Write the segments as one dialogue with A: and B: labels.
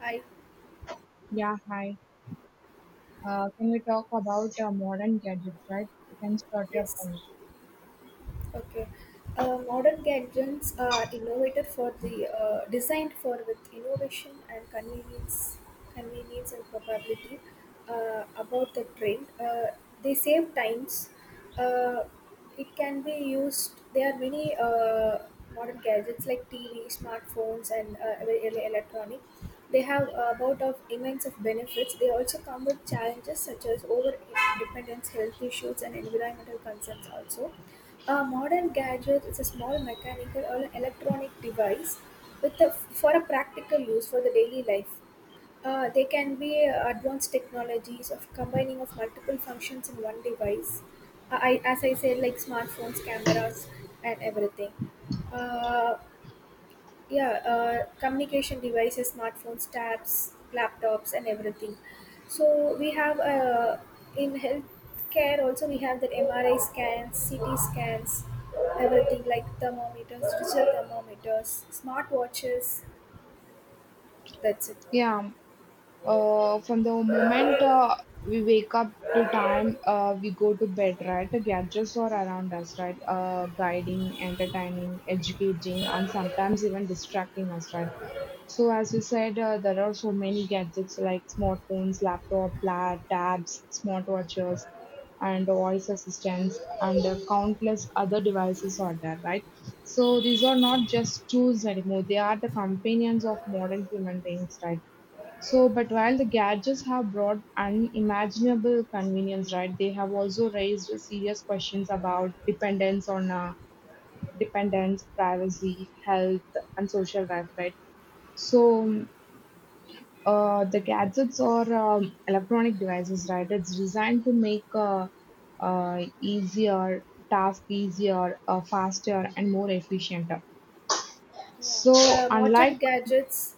A: Hi,
B: Yeah, hi. Can we talk about modern gadgets, right? You can start your
A: yes.
B: point.
A: Okay. Modern gadgets are innovated for the designed for with innovation and convenience, convenience and probability about the trend. They save times. Uh, it can be used. There are many modern gadgets like TV, smartphones, and electronic. They have about of immense of benefits. They also come with challenges such as over dependence, health issues, and environmental concerns also a modern gadget is a small mechanical or electronic device with for a practical use for the daily life. They can be advanced technologies of combining of multiple functions in one device. As I said, like smartphones, cameras, and everything. Uh, yeah communication devices, smartphones, tabs, laptops, and everything. So we have in healthcare also we have that mri scans, ct scans, everything like thermometers, digital thermometers, smartwatches. That's it.
B: Yeah. From the moment we wake up to time we go to bed, right? The gadgets are around us, right? Guiding, entertaining, educating, and sometimes even distracting us, right? So, as you said, there are so many gadgets like smartphones, laptop, tabs, smartwatches, and voice assistants, and countless other devices are there, right? So, these are not just tools anymore, they are the companions of modern human beings, right? So, but while the gadgets have brought unimaginable convenience, right, they have also raised serious questions about dependence, privacy, health, and social life, right? So, the gadgets or electronic devices, right, it's designed to make easier task easier, faster, and more efficient. So,
A: Yeah. the modern
B: unlike
A: gadgets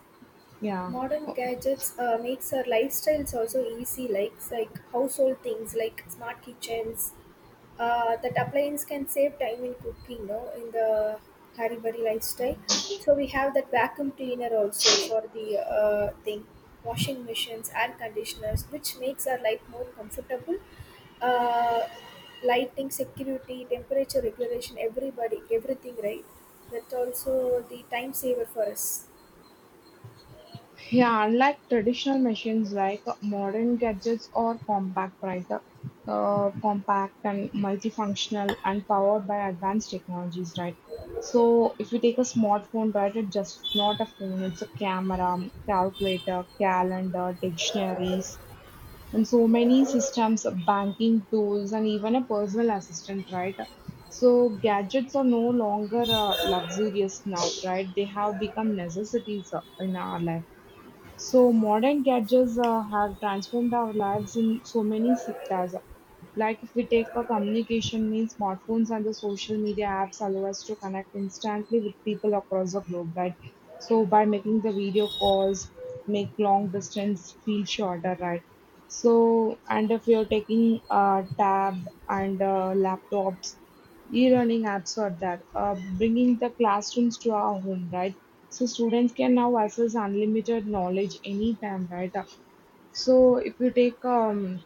B: yeah.
A: Modern gadgets makes our lifestyles also easy, like household things like smart kitchens. That appliance can save time in cooking, no, in the hurry burry lifestyle. So we have that vacuum cleaner also for the thing, washing machines, air conditioners, which makes our life more comfortable. Uh, lighting, security, temperature regulation, everybody, everything, right? That's also the time saver for us.
B: Yeah, unlike traditional machines like modern gadgets are compact, right? Compact and multifunctional and powered by advanced technologies, right? So if you take a smartphone, right, it's just not a phone, it's a camera, calculator, calendar, dictionaries, and so many systems, banking tools, and even a personal assistant, right? So gadgets are no longer luxurious now, right? They have become necessities in our life. So modern gadgets have transformed our lives in so many sectors. Like if we take a communication means smartphones and the social media apps allow us to connect instantly with people across the globe, right? So by making the video calls, make long distance feel shorter, right? So and if you're taking tab and laptops, e-learning apps or that, bringing the classrooms to our home, right? So students can now access unlimited knowledge anytime, right? So if you take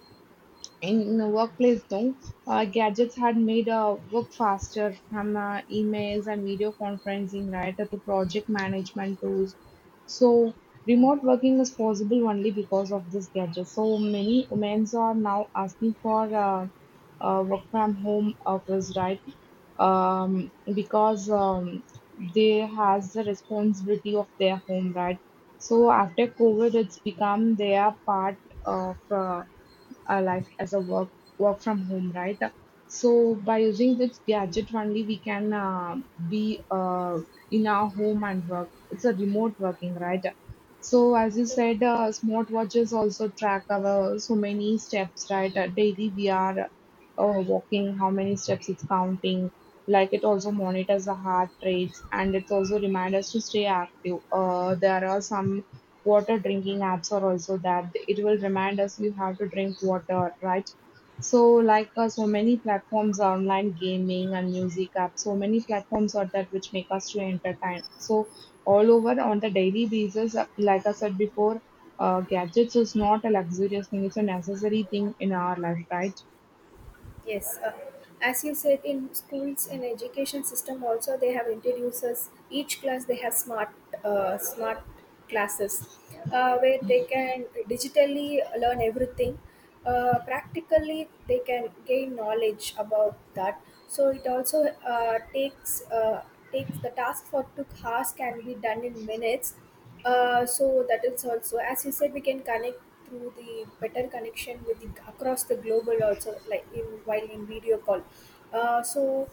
B: in the workplace though gadgets had made work faster from emails and video conferencing right to project management tools, so remote working is possible only because of this gadget, so many women are now asking for work from home office, right? Because they has the responsibility of their home, right? So after covid it's become their part of our life as a work from home, right? So by using this gadget only, we can be in our home and work. It's a remote working, right? So as you
A: So
B: said, smartwatches also track our so many steps, right? Daily we are walking, how many steps it's counting. Like it also monitors the heart rates and it also reminds us to stay active. There are some water drinking apps are also that it will remind us you have to drink water, right? So like so many platforms are online gaming and music apps, so many platforms are that which make us to entertain. So all over on the daily basis like I said before, gadgets is not a luxurious thing, it's a necessary thing in our life, right?
A: yes, as you said, in schools and education system also they have introduced us. Each class they have smart uh, smart classes where they can digitally learn everything. Practically, they can gain knowledge about that. So it also takes the task for 2 hours can be done in minutes, so that is also, as you said, we can connect through the better connection with across the global also, like in while in video call. Uh, so,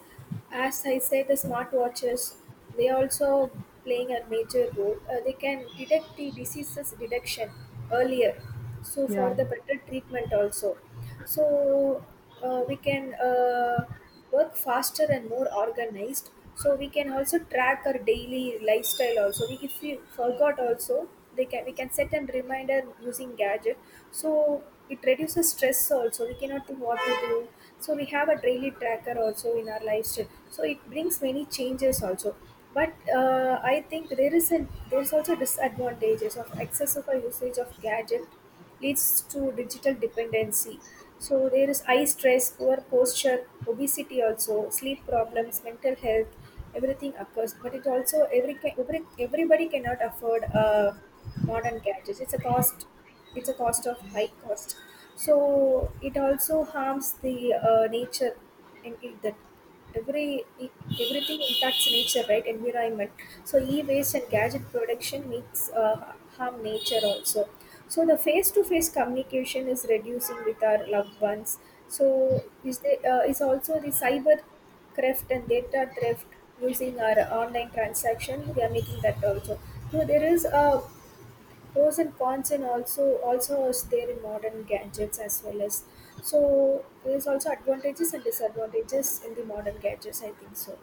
A: as I said, the smartwatches they also playing a major role. They can detect the diseases detection earlier, so for
B: Yeah.
A: the better treatment also. So we can work faster and more organized. So we can also track our daily lifestyle also. If we forgot also they can we can set a reminder using gadget. So it reduces stress also. We cannot think what to do, so we have a daily tracker also in our lifestyle. So it brings many changes also. But I think there is an there's also disadvantages of excessive usage of gadget leads to digital dependency. So there is eye stress, poor posture, obesity also, sleep problems, mental health, everything occurs. But it also everybody cannot afford modern gadgets. It's a cost. It's a cost of high cost. So it also harms the nature. And it, that every it, Everything impacts nature, right, environment. So e-waste and gadget production makes harm nature also. So the face-to-face communication is reducing with our loved ones. So is also the cyber theft and data theft. Using our online transaction we are making that also. So there is a pros and cons and also also is there in modern gadgets as well. As so there's also advantages and disadvantages in the modern gadgets, I think so.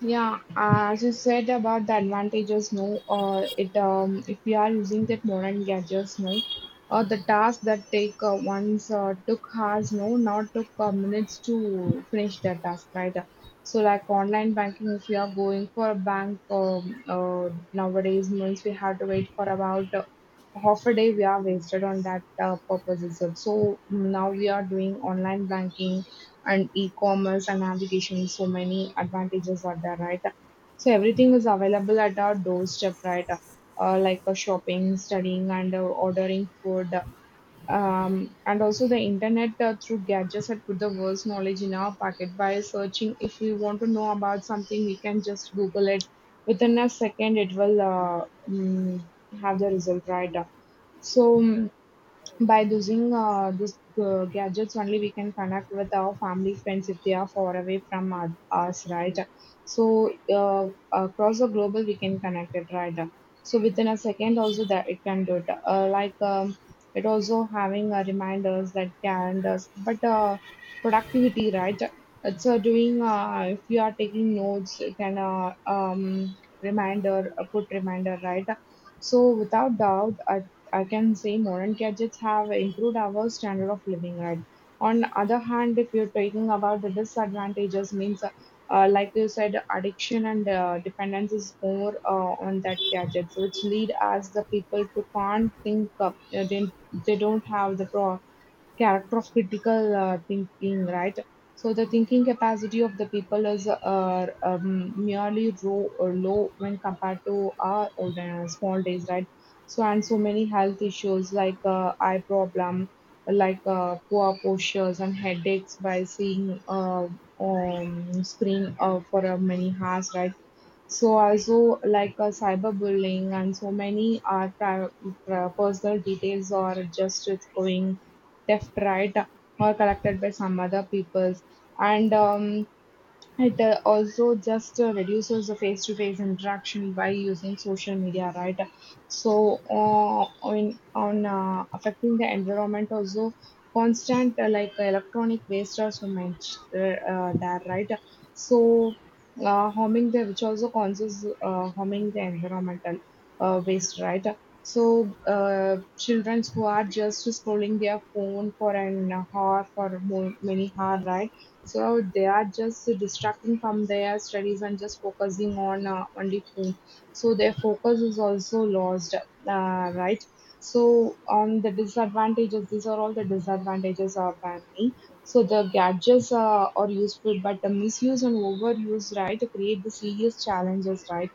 B: Yeah, as you said about the advantages, no, it, if we are using that modern gadgets, no, or the task that take once took hours, no, now took minutes to finish that task, right? So like online banking, if you are going for a bank, nowadays means we have to wait for about half a day. We are wasted on that purposes. So now we are doing online banking and e-commerce and navigation. So many advantages are there, right? So everything is available at our doorstep, right? Like shopping, studying, and ordering food. And also the internet through gadgets had put the world's knowledge in our pocket by searching. If we want to know about something, we can just Google it. Within a second, it will have the result, right? So, by using these gadgets only we can connect with our family friends if they are far away from us, right? So across the global we can connect it, right? So within a second also that it can do it. Like it also having reminders like calendars, but productivity, right? It's doing if you are taking notes, you can reminder put reminder, right? So without doubt, I can say modern gadgets have improved our standard of living. And on other hand, if you're talking about the disadvantages, means like you said, addiction and dependence is more on that gadgets, which lead as the people to can't think up. They don't have the character of critical thinking, right? So the thinking capacity of the people is merely low when compared to our olden small days, right? So and so many health issues like eye problem, like poor postures and headaches by seeing screen for many hours, right? So also like cyberbullying and so many are personal details or just it's going left, right, or collected by some other peoples. And it also just reduces the face-to-face interaction by using social media, right? So, on affecting the environment also, constant like electronic waste also mentioned there, right? So, harming the which also causes harming the environmental waste, right? So, children who are just scrolling their phone for an hour, for more, many hours, right? So they are just distracting from their studies and just focusing on only phone. So their focus is also lost, right? So on the disadvantages, these are all the disadvantages of banning. So the gadgets are useful, but the misuse and overuse, right, create the serious challenges, right?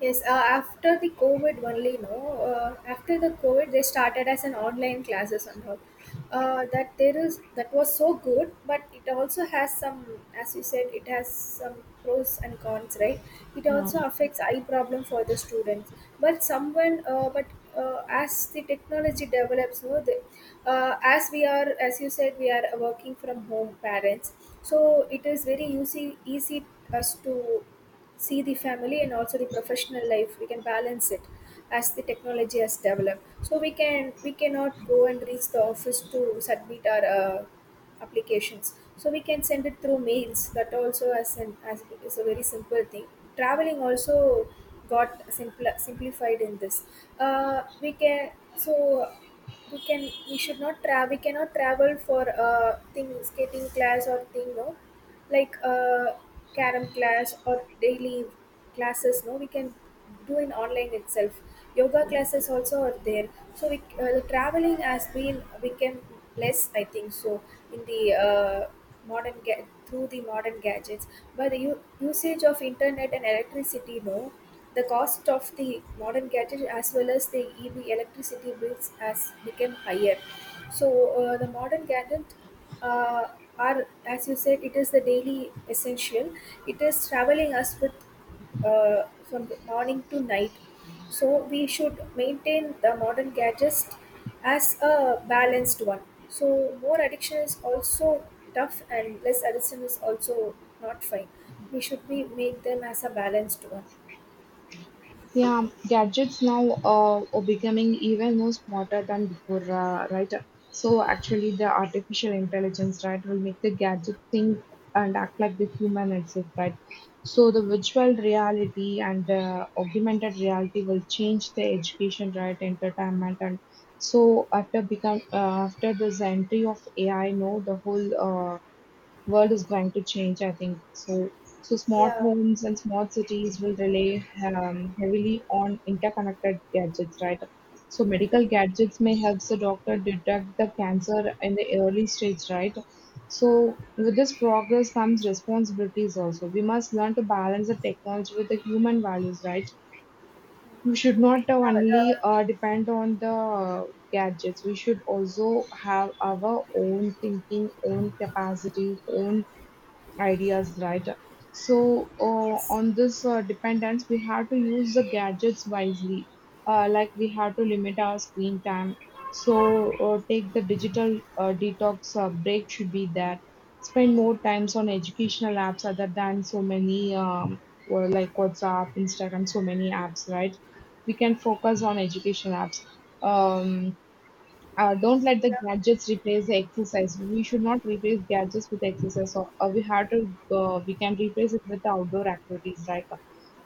A: Yes, after the COVID only, no. After the COVID, they started as an online classes and all. That there is that was so good, but it also has some, as you said, it has some pros and cons, right? It
B: Yeah.
A: also affects eye problem for the students. But someone, but as the technology develops, no, the, as we are, as you said, we are working from home parents, so it is very easy us to see the family and also the professional life we can balance it. As the technology has developed, so we cannot go and reach the office to submit our applications, so we can send it through mails. That also as an as is a very simple thing. Traveling also got simplified in this. We can so we can We should not travel, we cannot travel for thing skating class or thing, no, like a carom class or daily classes, no, we can do in online itself. Yoga classes also are there. So the traveling has been become less, I think so, in the through the modern gadgets. But the usage of internet and electricity, no, the cost of the modern gadget as well as the ev electricity bills has become higher. So the modern gadget uh, are, as you said, it is the daily essential. It is traveling us with uh, from morning to night. So we should maintain the modern gadgets as a balanced one. So more addiction is also tough and less addiction is also not fine. We should be make them as a balanced one.
B: Yeah, gadgets now are becoming even more smarter than before, right? So actually, the artificial intelligence, right, will make the gadget think and act like the human itself, right? So the virtual reality and augmented reality will change the education, right, entertainment, and so after become after this entry of AI, no, the whole world is going to change, I think. So, so smart
A: Yeah,
B: homes and smart cities will rely heavily on interconnected gadgets, right? So, medical gadgets may help the doctor detect the cancer in the early stage, right? So, with this progress comes responsibilities also. We must learn to balance the technology with the human values, right? We should not
A: yeah.
B: only
A: The,
B: depend on the gadgets. We should also have our own thinking, own capacity, own ideas, right? So,
A: yes.
B: on this dependence, we have to use the gadgets wisely. Like we have to limit our screen time. So, take the digital detox break should be there. Spend more times on educational apps other than so many or like WhatsApp, Instagram, so many apps, right? We can focus on education apps. Um, don't let the
A: Yeah.
B: gadgets replace the exercise. We should not replace gadgets with exercise. So, we have to, we can replace it with the outdoor activities, right?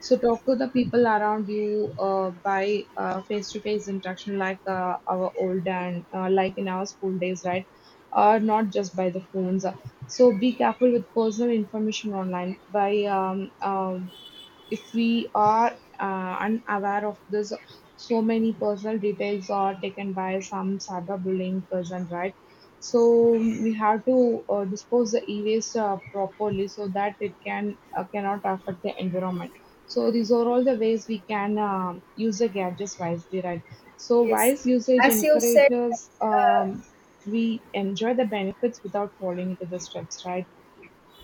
B: So talk to the people around you by face-to-face interaction, like our old and like in our school days, right? Or not just by the phones. So be careful with personal information online by if we are unaware of this, so many personal details are taken by some cyberbullying person, right? So we have to dispose the e-waste properly so that it can cannot affect the environment. So these are all the ways we can use the gadgets wisely, right? So
A: Yes,
B: wise usage
A: as you said,
B: encourages we enjoy the benefits without falling into the steps, right?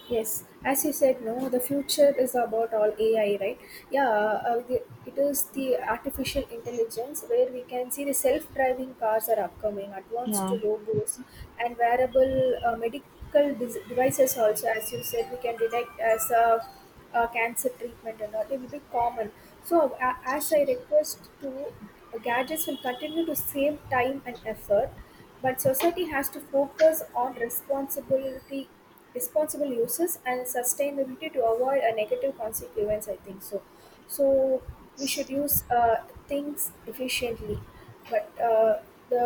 A: yes, as you said, no, the future is about all AI, right? It is the artificial intelligence where we can see the self-driving cars are upcoming, advanced
B: Yeah,
A: robots, and wearable medical devices also. As you said, we can detect as a cancer treatment and all. It will be common. So, as I request to gadgets will continue to save time and effort, but society has to focus on responsibility responsible uses and sustainability to avoid a negative consequence, I think so. So we should use things efficiently. But the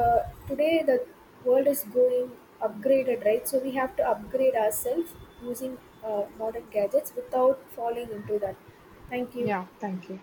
A: today the world is going upgraded, right, so we have to upgrade ourselves using modern gadgets without falling into that. Thank you.
B: yeah, thank you.